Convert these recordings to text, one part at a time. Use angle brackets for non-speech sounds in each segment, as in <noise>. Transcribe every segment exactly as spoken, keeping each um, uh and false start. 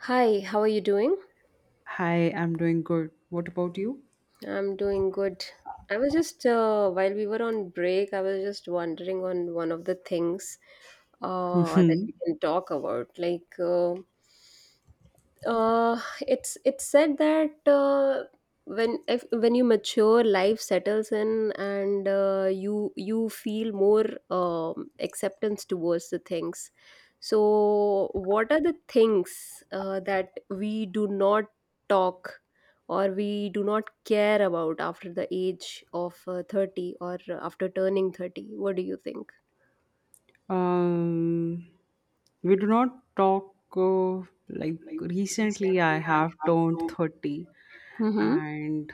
Hi, how are you doing? Hi, I'm doing good. What about you? I'm doing good. I was just uh, while we were on break, I was just wondering on one of the things uh, that we can talk about. Like, uh, Uh, it's it's said that uh, when if, when you mature, life settles in, and uh, you you feel more um, acceptance towards the things. So, what are the things uh, that we do not talk or we do not care about after the age of uh, thirty or after turning thirty? What do you think? Um, we do not talk uh, like recently. I have turned Mm-hmm. thirty, Mm-hmm. and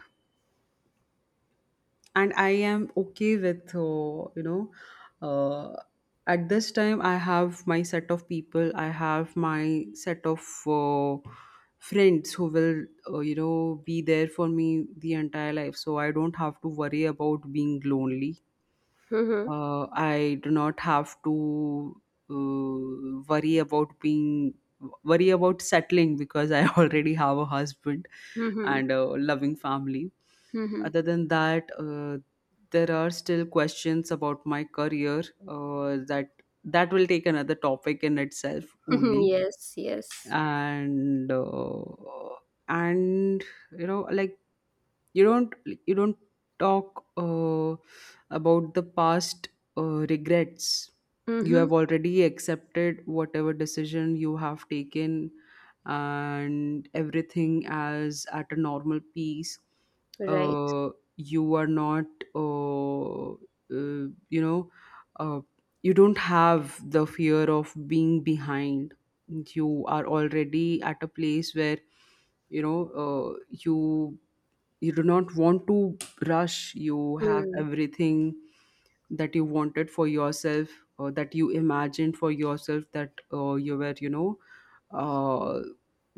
and I am okay with uh, you know. Uh, at this time, I have my set of people. I have my set of uh, friends who will uh, you know be there for me the entire life. So I don't have to worry about being lonely. uh, I do not have to uh, worry about being worry about settling because I <laughs> already have a husband Mm-hmm. and a loving family. Mm-hmm. Other than that, uh, there are still questions about my career uh, that that will take another topic in itself <laughs> only. Yes. Yes. And uh, and you know like you don't you don't talk uh, about the past uh, regrets. You Mm-hmm. have already accepted whatever decision you have taken, and everything as at a normal pace. Right. uh, you are not uh, uh, you know uh, you don't have the fear of being behind. You are already at a place where, you know uh, you you do not want to rush. You have Hmm. everything that you wanted for yourself, or that you imagined for yourself, that uh, you were you know uh,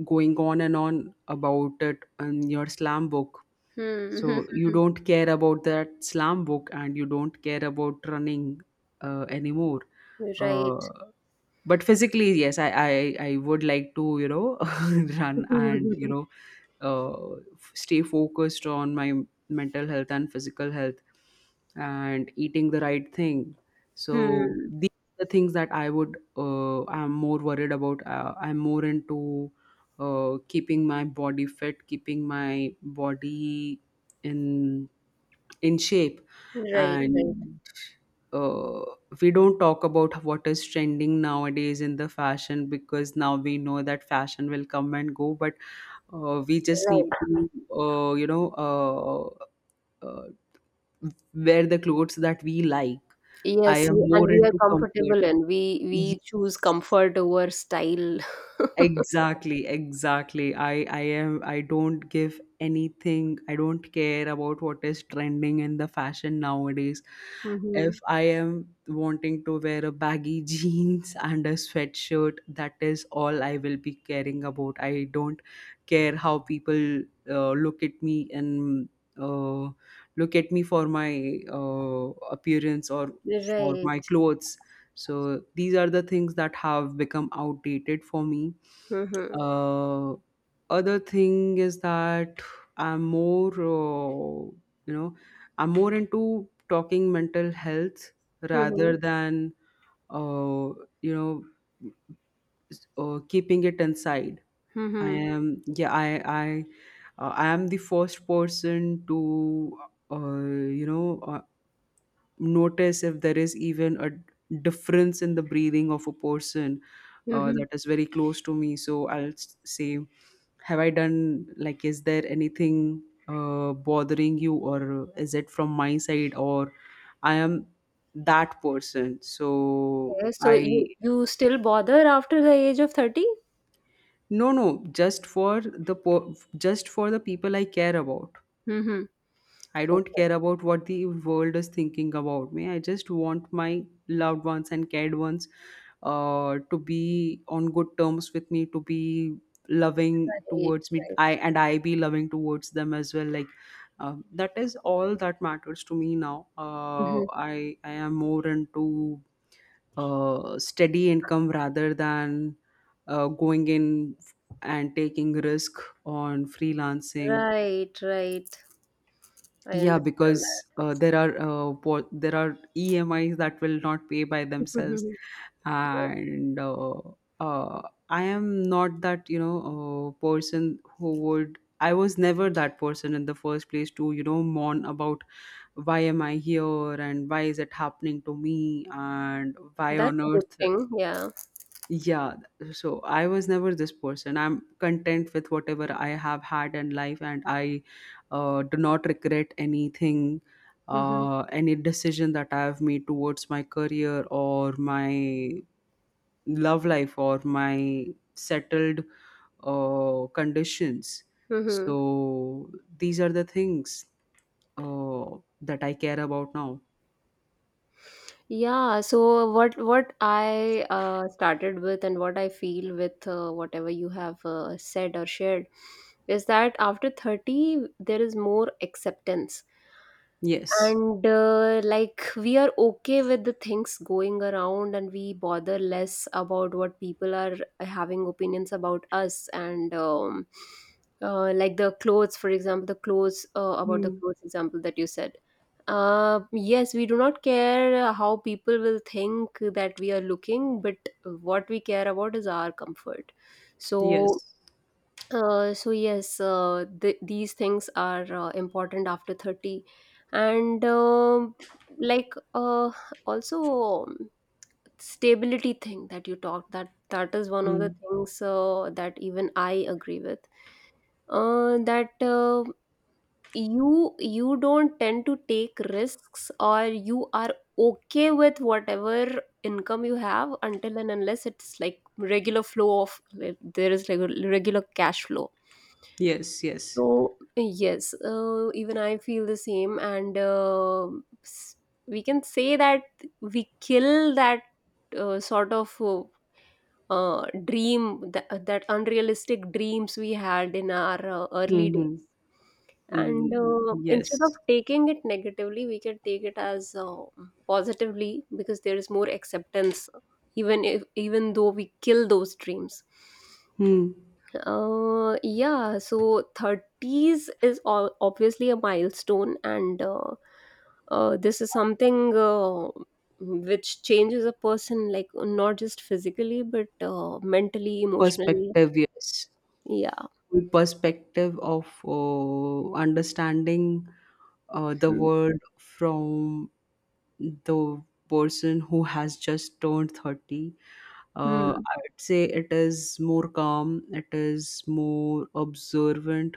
going on and on about it in your slam book. Hmm. So <laughs> you don't care about that slam book, and you don't care about running uh, anymore. Right. uh, but physically, yes, i i, I would like to, you know, <laughs> run, and you <laughs> know, uh, f- stay focused on my mental health and physical health, and eating the right thing. So Hmm. these are the things that I would, uh, I'm more worried about. uh, I'm more into uh, keeping my body fit, keeping my body in in shape. Right, right, And uh, we don't talk about what is trending nowadays in the fashion, because now we know that fashion will come and go. But uh, we just need right. to uh, you know uh, uh, wear the clothes that we like. I Yes, am we- and more we are into comfort. comfortable and we we choose comfort over style. <laughs> Exactly, exactly. I I am, I don't give anything. I don't care about what is trending in the fashion nowadays. If Mm-hmm. I am wanting to wear a baggy <laughs> jeans and a sweatshirt, that is all I will be caring about. I don't care how people uh, look at me, and uh, look at me for my uh, appearance or for Right. my clothes. So these are the things that have become outdated for me. Mm-hmm. Uh, Other thing is that I'm more, uh, you know, I'm more into talking mental health Mm-hmm. rather than uh, you know, s- uh, keeping it inside. I Mm-hmm. am, yeah, I, I, uh, I am the first person to uh, you know, uh, notice if there is even a difference in the breathing of a person uh, Mm-hmm. that is very close to me. So I'll s- say, have I done, like, is there anything uh, bothering you, or is it from my side, or I am that person? So Okay, so I, you you still bother after the age of thirty? no, no, just for the po- just for the people I care about. Mm-hmm. I don't Okay. care about what the world is thinking about me. I just want my loved ones and cared ones uh, to be on good terms with me, to be loving Right, towards me. right. I, and I be loving towards them as well. Like, um, that is all that matters to me now. Uh, Mm-hmm. I I am more into uh, steady income rather than uh, going in and taking risk on freelancing. Right, right. I Yeah, understand because that. uh, there are uh, what there are E M Is that will not pay by themselves, Mm-hmm. Yes. and uh, uh, I am not that, you know, uh, person who would. I was never that person in the first place to, you know, mourn about why am I here, and why is it happening to me, and why That's on a good earth. thing. Yeah. Yeah, so I was never this person. I'm content with whatever I have had in life, and I uh, do not regret anything, Mm-hmm. uh, any decision that I have made towards my career, or my love life, or my settled uh, conditions. Mm-hmm. So these are the things uh, that I care about now. Yeah, so what what I uh, started with and what I feel with uh, whatever you have uh, said or shared is that after thirty there is more acceptance, Yes. and uh, like we are okay with the things going around and we bother less about what people are uh, having opinions about us, and um, uh, like the clothes, for example, the clothes, uh, about the Hmm. clothes example that you said. Uh, yes, we do not care how people will think that we are looking, but what we care about is our comfort. So Yes. uh, so yes, uh, th- these things are uh, important after thirty, and um like uh, also, um, stability thing that you talked, that that is one of Hmm. the things uh, that even I agree with, uh, that uh, you you don't tend to take risks, or you are okay with whatever income you have until and unless it's like regular flow of, like, there is like a regular cash flow. Yes, yes. So yes, uh, even I feel the same, and uh, s- we can say that we kill that uh, sort of uh, uh, dream, that, that unrealistic dreams we had in our uh, Hmm, early days. hmm. And Mm, uh, instead of yes. taking it negatively, we can take it as uh, positively, because there is more acceptance, even if even though we kill those dreams. Hmm. Uh, yeah, so thirties is all obviously a milestone, and uh, uh, this is something uh, which changes a person, like not just physically, but uh, mentally, emotionally. Perspective, yes. Yeah. Full perspective of uh, understanding uh, the Hmm. world from the person who has just turned thirty. Uh, Hmm. I would say it is more calm, it is more observant,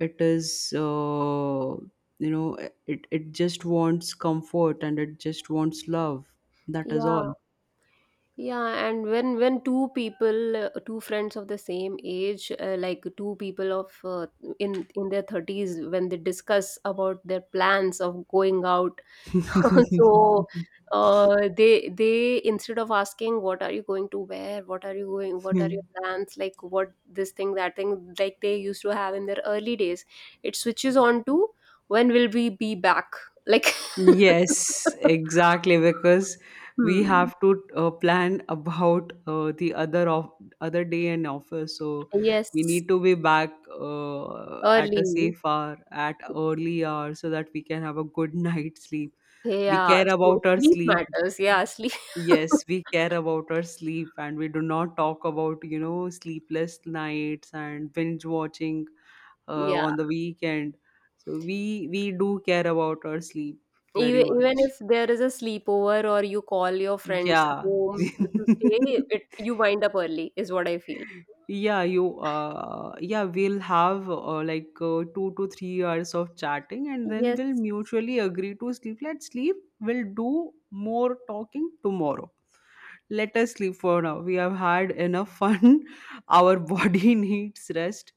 it is, uh, you know, it, it just wants comfort, and it just wants love. That is all. Yeah. Yeah, and when when two people, uh, two friends of the same age, uh, like two people of uh, in in their thirties, when they discuss about their plans of going out, <laughs> so uh, they they instead of asking what are you going to wear, what are you going, what are your <laughs> plans, like what this thing that thing, like they used to have in their early days, it switches on to when will we be back, like. Yes, <laughs> exactly. Because we Hmm. have to uh, plan about uh, the other of other day in office. So we Yes, need to be back uh, at a early. safe hour, at early hour, so that we can have a good <laughs> night's sleep. We Yeah, care so about our sleep sleep. matters. Yeah, sleep. Yes, we <laughs> care about our sleep, and we do not talk about, you know, sleepless nights and binge watching uh, Yeah, on the weekend. So we we do care about our sleep very even even much. if there is a sleepover or you call your friends Yeah. home to <laughs> stay, it you wind up early is what I feel. Yeah, you, uh yeah, we'll have, uh, like uh, two to three hours of chatting, and then Yes. we'll mutually agree to sleep. Let's sleep. We'll do more talking tomorrow. Let us sleep for now. We have had enough fun. <laughs> Our body <laughs> needs rest.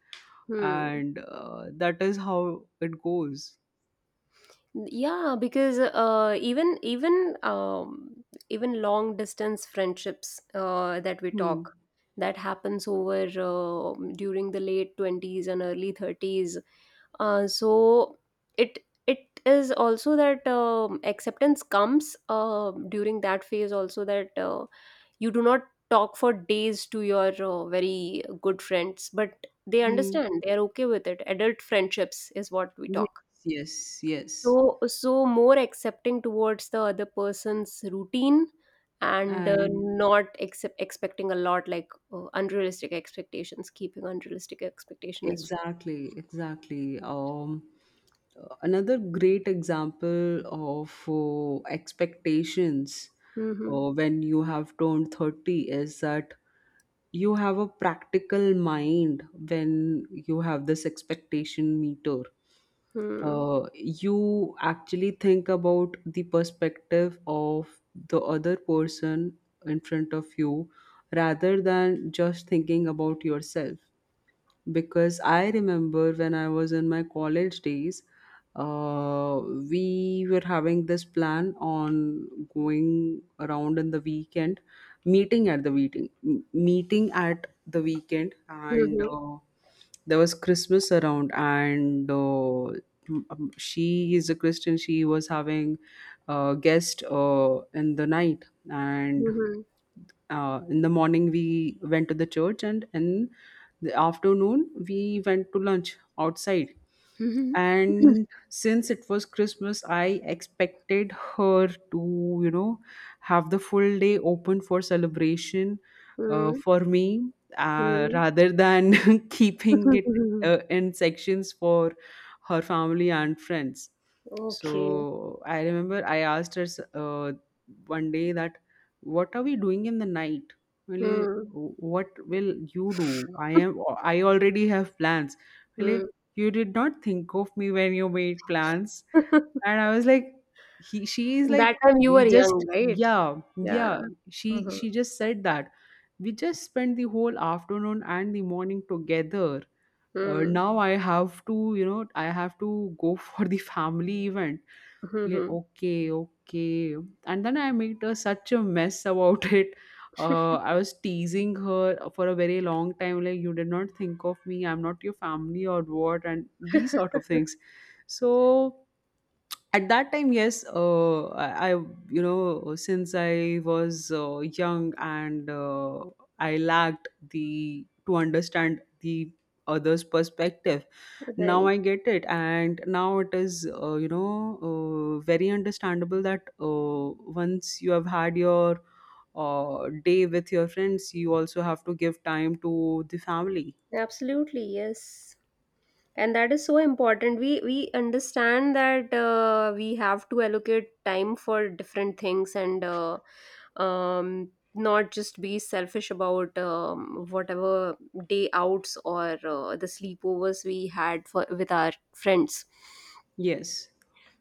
Hmm. And uh, that is how it goes. Yeah, because uh, even even um, even long distance friendships uh, that we Hmm. talk, that happens over uh, during the late twenties and early thirties. Uh, so it it is also that um acceptance comes uh, during that phase also, that uh, you do not talk for days to your uh, very good friends, but they Hmm. understand, they are okay with it. Adult friendships is what we Yes, talk. yes, yes. So so more accepting towards the other person's routine, and uh, and not accept, expecting a lot, like uh, unrealistic expectations, keeping unrealistic expectation is. Exactly, exactly. Um, uh, another great example of uh, expectations, Mm-hmm. uh, when you have turned thirty, is that you have a practical mind when you have this expectation meter. Hmm. Uh, you actually think about the perspective of the other person in front of you, rather than just thinking about yourself. Because I remember when I was in my college days, uh, we were having this plan on going around in the weekend, meeting at the meeting, m- meeting at the weekend, and Mm-hmm, uh, there was Christmas around, and uh, um, she is a Christian. She was having a guest uh, in the night, and mm-hmm, uh, in the morning we went to the church, and in the afternoon we went to lunch outside. mm-hmm. And since it was Christmas, I expected her to, you know, have the full day open for celebration uh, Mm-hmm. for me, uh, rather than <laughs> keeping it <laughs> uh, in sections for her family and friends. Okay. So I remember I asked her, s- uh, one day, that what are we doing in the night. Well, eh, Mm-hmm. what will you do? I am, I already have plans. Well, eh, you did not think of me when you made plans. And I <laughs> was like, he she is like, That time you we were just, young, right? yeah, Yeah. yeah. she Mm-hmm. she just said that we just spent the whole afternoon and the morning together. uh, Hmm. Now I have to, you know, I have to go <laughs> for the family event. Like, Mm-hmm. okay, okay. And then I made uh, such a mess about <laughs> it. uh, I was teasing her for a very long time, like, you did not think of me, I'm not your family, or what, and these sort of <laughs> things. So at that time, yes, uh, I, I you know, since I was, uh, young and uh, I lacked the to understand the other's perspective. Now Right. I get it, and now it is, uh, you know uh, very understandable that, uh, once you have had your uh, day with your friends, you also have to give time to the family. Absolutely, yes. And that is so important. We we understand that uh, we have to allocate time for different things, and uh, um not just be selfish about um, whatever day outs or uh, the sleepovers we had for with our friends. Yes,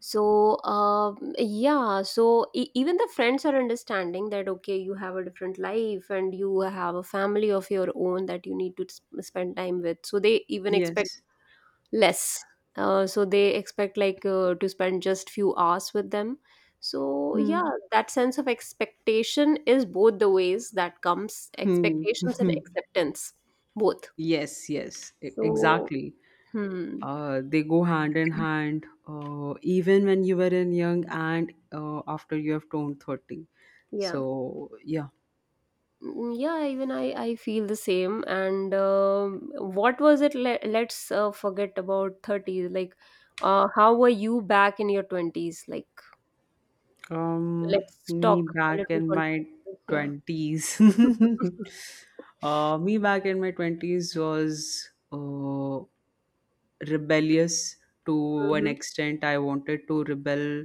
So um yeah, so e- even the friends are understanding that okay, you have a different life and you have a family of your own that you need to sp- spend time with, so they even expect yes. less. Uh, so they expect, like, uh, to spend just few hours with them. So Hmm. yeah, that sense of expectation is both the ways, that comes Hmm. expectations and <laughs> acceptance both. Yes, yes, e- So exactly. hmm, Uh, they go hand in hand, uh, even when you were in young, and uh, after you have turned thirty. yeah. So, yeah, Mm, yeah, even i i feel the same. And um, what was it, le- let's uh, forget about thirty, like uh, how were you back in your twenties? Like, Um, let's me talk, a back little in my context. Yeah. twenties. <laughs> <laughs> Uh, me back in my twenties was uh, rebellious to an Hmm. extent. I wanted to rebel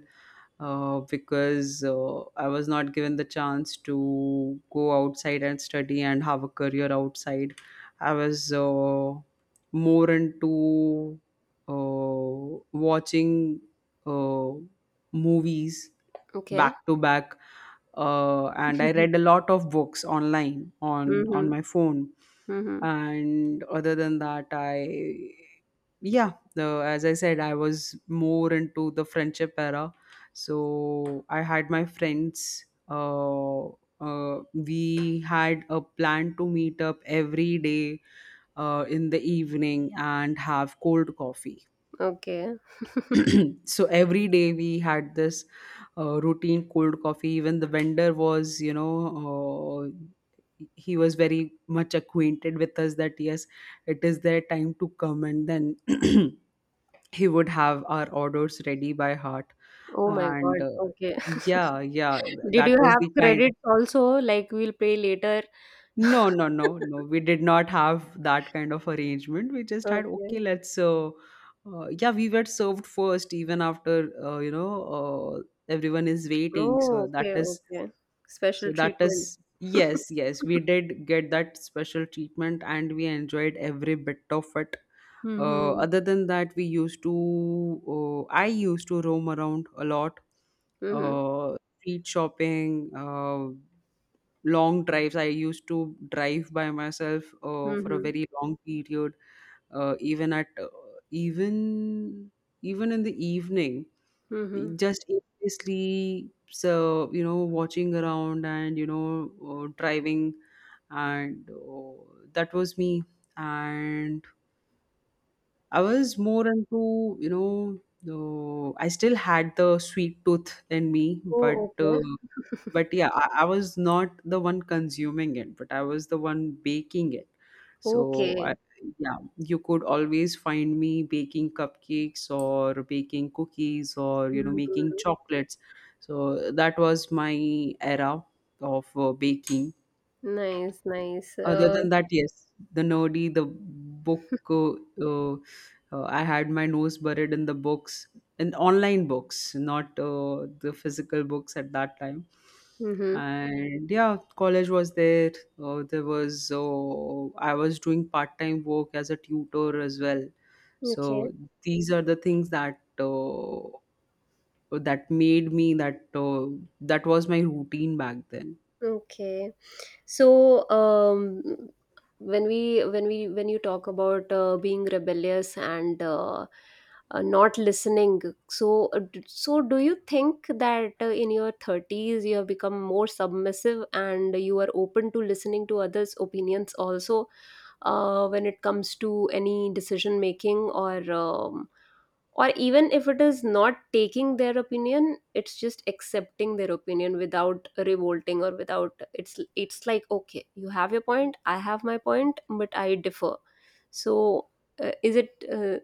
uh, because uh, I was not given the chance to go outside and study and have a career outside. I was uh, more into uh, watching uh, movies Okay. back to back. Uh, and I Mhm. read a lot of books online on on Mhm. my phone. Mhm. And other than that, I, yeah, the, as I said, I was more into the friendship era. So I had my friends. Uh, uh, we had a plan to meet up every day uh, in the evening, and have cold coffee. Okay. <clears throat> So every day we had this uh, routine cold coffee. Even the vendor was, you know, uh, he was very much acquainted with us, that, yes, it is their time to come. And then <clears throat> he would have our orders ready by heart. Oh my And God. uh, Okay. yeah yeah th- <laughs> Did that you was have the kind. credits also? Like we'll pay later. No, no, no, no. We <laughs> did not have that kind of arrangement. We just had, okay, Okay. let's, uh, uh, yeah, we were served first, even after, uh, you know, uh, everyone is waiting. So Oh, that okay. is, Okay. Special so that treatment. is, <laughs> yes, yes, we did get that special treatment, and we enjoyed every bit of it. Uh, Mm-hmm. other than that, we used to, uh, I used to roam around a lot, Mm-hmm. uh, street shopping, uh, long drives. I used to drive by myself uh, for a Mm-hmm. very long period, uh, even at uh, even even in the evening, Mm-hmm. just aimlessly. So you know, watching around and you know, uh, driving, and uh, that was me. And I was more into you know. Uh, I still had the sweet tooth in me, but Oh, uh, okay. but yeah I, I was not the one consuming it, but I was the one baking it, so Okay. I, yeah, you could always find me baking cupcakes or baking cookies or you know making Mm-hmm. chocolates. So that was my era of uh, baking. Nice, nice. Other Uh, than that, yes, the nerdy, the book. Uh, uh, uh, I had my nose buried in the books, in online books, not uh, the physical books at that time. Mm-hmm. And yeah, college was there. Uh, there was uh, I was doing part time work as a tutor as well. So Okay. these are the things that uh, that made me that uh, that was my routine back then. Okay. So, um, when we when we when you talk about uh, being rebellious and uh, uh, not listening, so uh, d- so do you think that uh, in your thirties you have become more submissive and you are open to listening to others' opinions also, uh, when it comes to any decision making, or um, or even if it is not taking their opinion, it's just accepting their opinion without revolting, or without it's it's like, okay, you have your point, I have my point, but I differ. So uh, is it uh,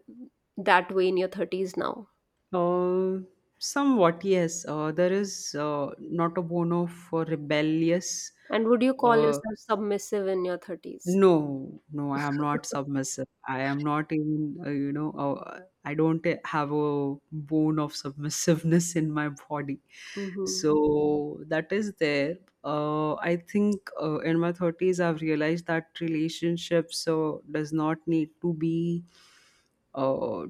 that way in your thirties now? Uh, somewhat, yes. Uh, there is uh, not a bono for rebellious. And would you call Uh, yourself submissive in your thirties? no, no, I am not submissive. I am not even, uh, you know, uh, I don't have a bone of submissiveness in my body. Mm-hmm. So that is there. Uh, I think uh, in my thirties, I've realized that relationships so does not need to be. Uh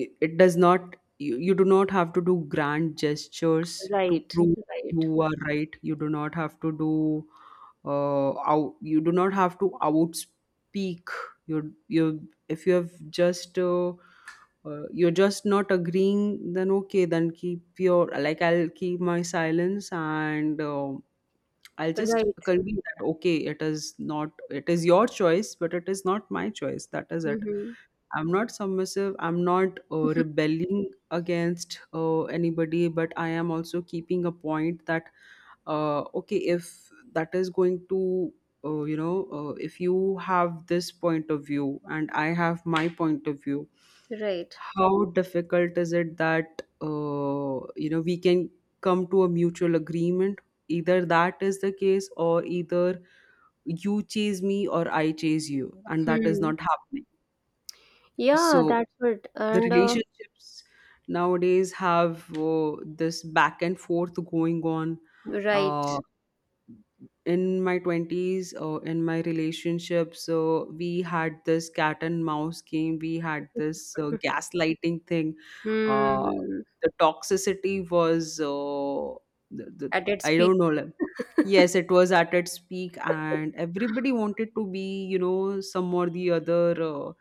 i- it does not, you, you do not have to do grand gestures to Right, prove right, you are right. You do not have to do uh out, you do not have to outspeak. you you If you have just uh, uh, you're just not agreeing, then okay, then keep your, like, I'll keep my silence, and uh, I'll just right. convey that okay, it is not, it is your choice but it is not my choice, that is it. Mm-hmm. I'm not submissive. I'm not uh, <laughs> rebelling against uh, anybody, but I am also keeping a point that uh, okay, if that is going to uh, you know, uh, if you have this point of view and I have my point of view, Right. how difficult is it that uh, you know, we can come to a mutual agreement? Either that is the case, or either you chase me or I chase you, and that is Hmm. not happening. Yeah, So that's it. the And uh, relationships nowadays have uh, this back and forth going on. right. Uh, in my twenties, or in my relationship, so we had this cat and mouse game, we had this uh, <laughs> gaslighting thing. uh, Hmm. the toxicity was uh, the, the, At its I peak. don't know, like, <laughs> yes, it was at its peak, and everybody wanted to be, you know, some or the other uh,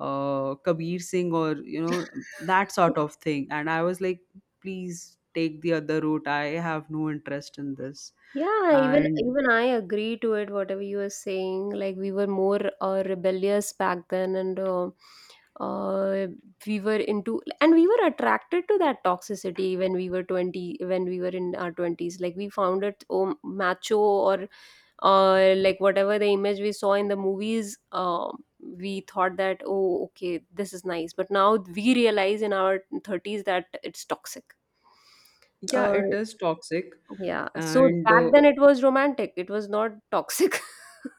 uh, Kabir Singh or you know, that sort of thing, and I was like, please take the other route, I have no interest in this. Yeah, even And even I agree to it. Whatever you were saying, like we were more uh, rebellious back then, and uh, uh, we were into and we were attracted to that toxicity when we were twenty, when we were in our twenties. Like, we found it oh, macho, or uh, like whatever the image we saw in the movies, um, we thought that oh, okay, this is nice, but now we realize in our thirties that it's toxic. yeah, it uh, is toxic. yeah, so And back uh, then it was romantic, it was not toxic.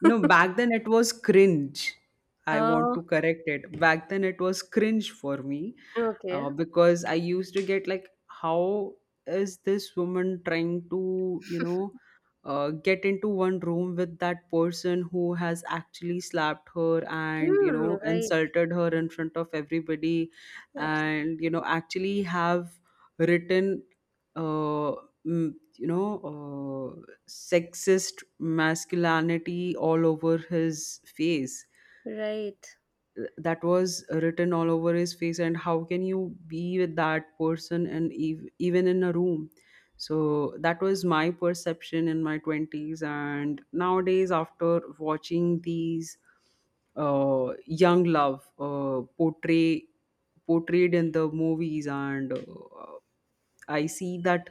No, back then it was cringe. I want uh, to correct it. Back then it was cringe for me, okay. uh, because I used to get like, how is this woman trying to, you know, uh, get into one room with that person who has actually slapped her and, you Hmm. know, Right. insulted her in front of everybody, Abs- and, you know, actually have written, uh, mm, you know, uh, sexist masculinity all over his face. right, That was written all over his face. And how can you be with that person and ev- even in a room? So that was my perception in my twenties. And nowadays, after watching these uh, young love uh, portray portrayed in the movies, and uh, I see that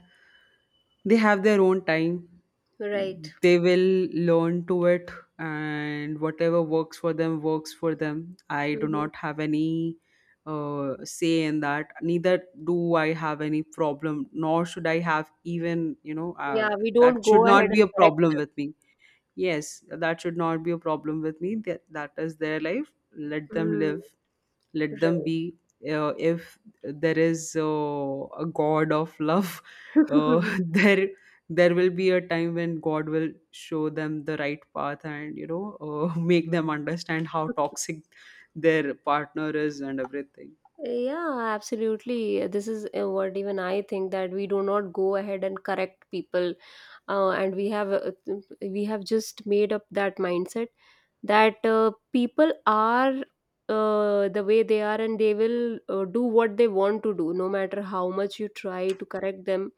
they have their own time. right. They will learn to it, and whatever works for them, works for them. I do Hmm. not have any uh, say in that. Neither do I have any problem, nor should I have. Even, you know, uh, Yeah, we that don't go should not ahead be and a correct problem them. with me. Yes, that should not be a problem with me. That, that is their life. Let them Hmm. live, let them Right. be. Uh, if there is uh, a god of love, <laughs> uh, there there will be a time when god will show them the right path, and you know, uh, <laughs> make them understand how <laughs> toxic their partner is, and everything. Yeah, absolutely. This is uh, what even I think, that we do not go ahead and correct people, uh, and we have uh, we have just made up that mindset, that uh, people are uh, the way they are, and they will uh, do what they want to do, no matter how much you try to correct them.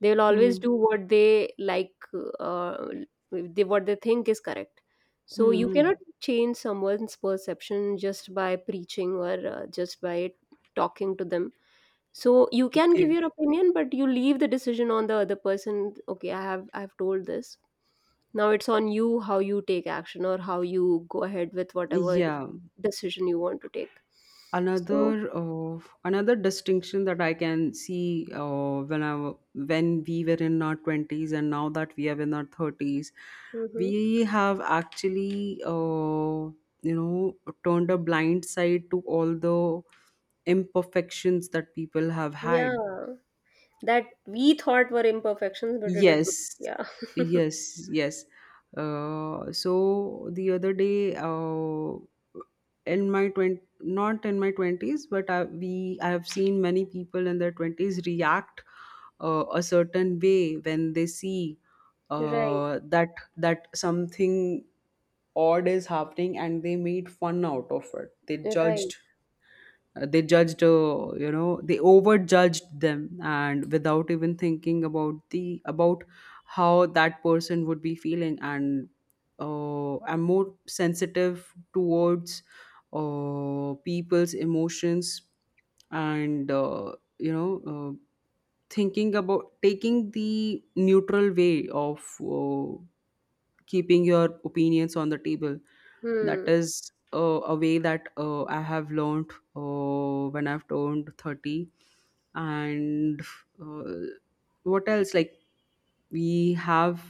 They will always Hmm. do what they like, uh, they, what they think is correct. So Hmm, you cannot hmm. change someone's perception just by preaching, or uh, just by talking to them. So you can give Okay, your opinion, but you leave the decision on the other person. Okay, i have I've told this, now it's on you how you take action or how you go ahead with whatever yeah. decision you want to take. So, another uh, Another distinction that I can see, uh, when i w- when we were in our twenties and now that we are in our thirties, mhm. we have actually uh, you know, turned a blind side to all the imperfections that people have had. Yeah, that we thought were imperfections, but it is, not. Yes, Yeah, yes, yes. Uh, so the other day, uh, in my twenty, not in my twenties, but I, we, I have seen many people in their twenties react uh, a certain way when they see right, uh, that that something odd is happening, and they made fun out of it. They right. judged, uh, they judged uh, you know, they overjudged them, and without even thinking about the about how that person would be feeling. And uh, I'm more sensitive towards uh, people's emotions, and uh, you know uh, thinking about taking the neutral way of uh, keeping your opinions on the table. That Hmm. is uh, a way that uh, I have learned uh, when I've turned thirty. And uh, what else? Like, we have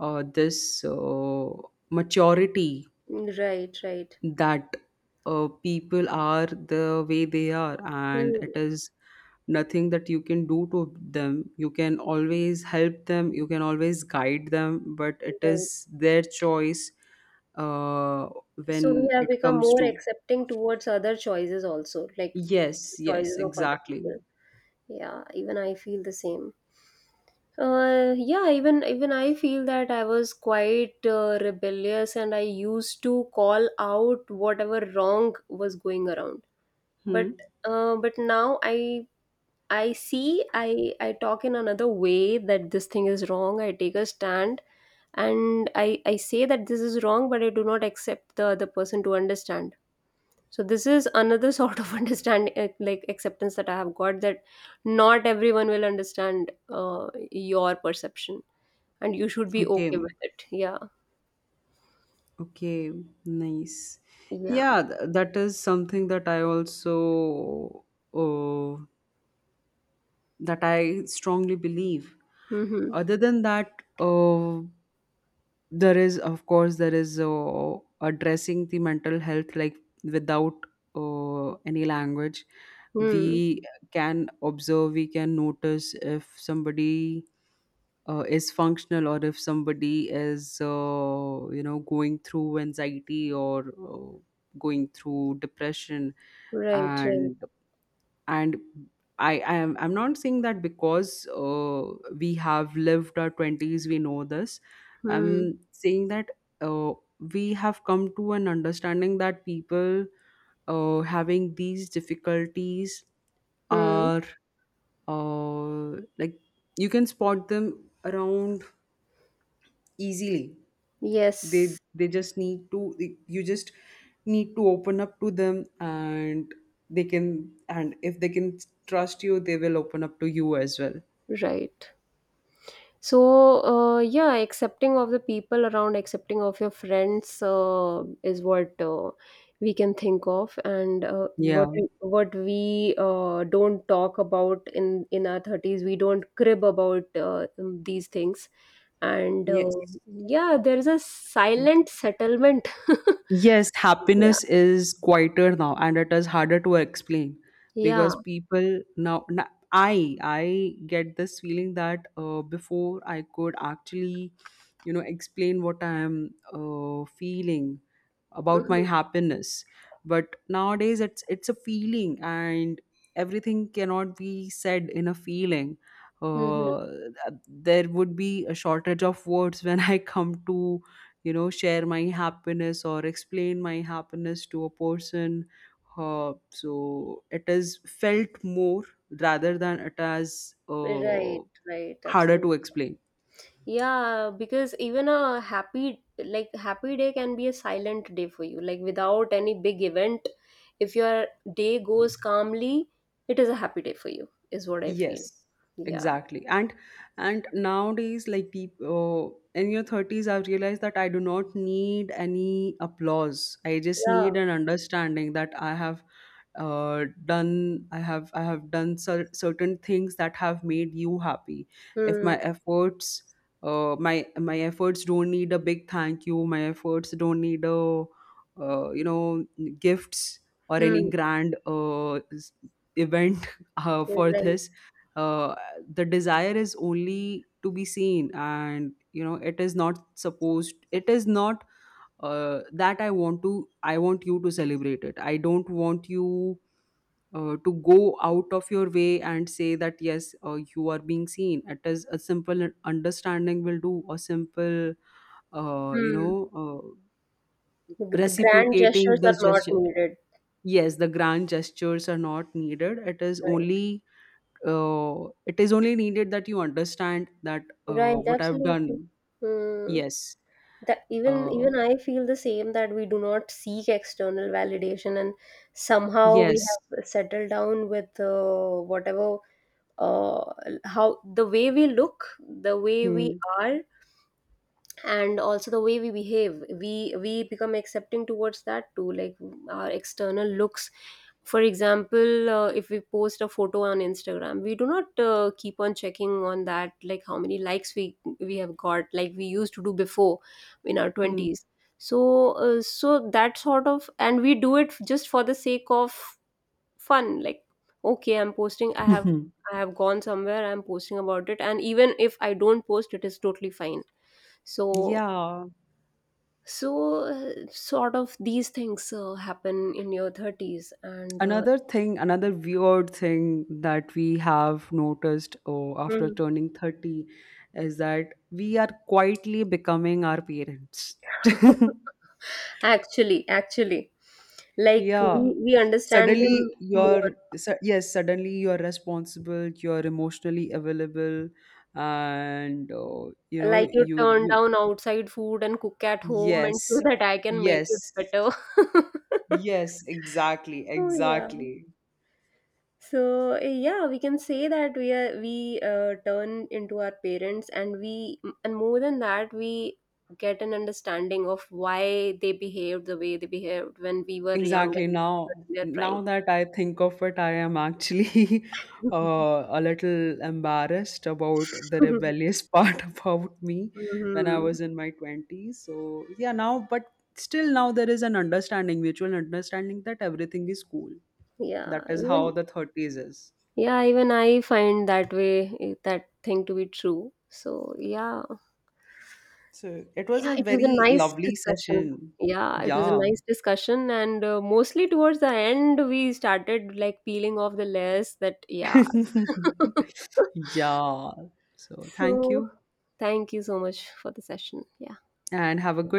uh, this uh, maturity Right, right. that uh, people are the way they are, and Hmm. it is nothing that you can do to them. You can always help them, you can always guide them, but it Right. is their choice. uh, So we when have it become comes more to, accepting towards other choices also, like yes, yes, choices of other people. exactly. Yeah, even I feel the same. Uh, yeah, even even I feel that I was quite uh, rebellious, and I used to call out whatever wrong was going around. Hmm, But uh, but now I I see I I talk in another way, that this thing is wrong. I take a stand, and I I say that this is wrong, but I do not accept the other person to understand. So this is another sort of <laughs> understanding, uh, like acceptance that I have got, that not everyone will understand uh, your perception, and you should be okay, okay with it. Yeah. okay, nice. Yeah. Yeah th- that is something that I also, uh, that I strongly believe. Mm-hmm. Other than that, uh, there is, of course, there is uh, addressing the mental health, like, without uh, any language. Hmm. We can observe, we can notice if somebody uh, is functional, or if somebody is, uh, you know, going through anxiety or uh, going through depression. Right, right. And and I, I am I'm not saying that because uh, we have lived our twenties, we know this. Hmm. I'm saying that uh, we have come to an understanding that people uh, having these difficulties Hmm. are, uh, like, you can spot them around easily. They Yes. they just need to, you just need to open up to them, and they can and if they can trust you, they will open up to you as well. Right. So, uh, yeah, accepting of the people around, accepting of your friends, uh, is what uh, we can think of, and uh, what Yeah, we, what we uh, don't talk about in in our thirties, we don't crib about uh, these things, and uh, yes. yeah, there is a silent settlement. <laughs> Yes, Yeah, happiness is quieter now, and it is harder to explain, yeah. because people now, na- I I get this feeling that uh, before I could actually, you know, explain what I am uh, feeling about my Mm-hmm. happiness, but nowadays it's it's a feeling, and everything cannot be said in a feeling. Mm-hmm. uh, there would be a shortage of words <laughs> when I come to, you know, share my happiness or explain my happiness to a person. Uh, so it is felt more rather than it as uh, Right, right, harder absolutely. to explain. Yeah, because even a happy, like, happy day can be a silent day for you. Like, without any big event, if your day goes calmly, it is a happy day for you, is what I feel. Yes, Yeah. exactly. And and nowadays, like people in your thirties, I've realized that I do not need any applause. I just Yeah. need an understanding that I have uh, done. I have I have done cer- certain things that have made you happy. If Hmm. my efforts, uh, my my efforts don't need a big thank you. My efforts don't need a uh, you know gifts, or any Hmm. grand uh, s- event, <laughs> uh, You're for right. this. uh, the desire is only to be seen. And you know, it is not supposed, it is not uh, that I want to, I want you to celebrate it, I don't want you uh, to go out of your way and say that, yes, uh, you are being seen. It is a simple understanding will do. A simple uh, you Hmm. know uh, The the grand reciprocating gestures the are not gesture. needed. Yes, the grand gestures are not needed. It is Right. only uh, it is only needed that you understand that uh, Right, what I've absolutely. done. Hmm. Yes. That even Uh, even I feel the same, that we do not seek external validation, and somehow we yes. have settled down with uh, whatever, uh, how the way we look, the way we Hmm. are, and also the way we behave, we we become accepting towards that too, like mm, our external looks. For example, uh, if we post a photo on Instagram, we do not uh, keep on checking on that, like how many likes we we have got, like we used to do before in our Hmm. twenties. So uh, so that sort of, and we do it just for the sake of fun. Like, okay, I'm posting, i have <laughs> I have gone somewhere, I'm posting about it, and even if I don't post, it is totally fine. So Yeah. so, uh, sort of these things uh, happen in your thirties, and uh, Another thing, another weird thing that we have noticed uh, after Mhm. turning thirty, is that we are quietly becoming our parents. <laughs> Actually, actually, <laughs> like yeah. we, we understand them suddenly you're more. su- yes, suddenly you're responsible, you're emotionally available, and uh, you know, Like, you you turn you down outside food and cook at home, and <laughs> so yes, that I can make it yes, better. <laughs> yes, exactly, So, yeah. exactly. So eh, yeah, we can say that we are we uh, turn into our parents, and we and more than that, we get an understanding of why they behaved the way they behaved when we were young Exactly. and Now, in their prime. now that I think of it, I am actually <laughs> <laughs> uh, a little embarrassed about the rebellious <laughs> part about me when I Hmm. was in my twenties. So, yeah, now, but still now there is an understanding, mutual understanding that everything is cool. Yeah, That is how even the thirties is. yeah, even I find that way, eh, that thing to be true. So yeah. So, it was Yeah, a it was a very nice lovely discussion. session. Yeah, it was a Yeah. nice discussion, and uh, mostly towards the end, we started like peeling off the layers that, yeah. <laughs> <laughs> Yeah. So, thank So, you thank you so much for the session. Yeah. and have a good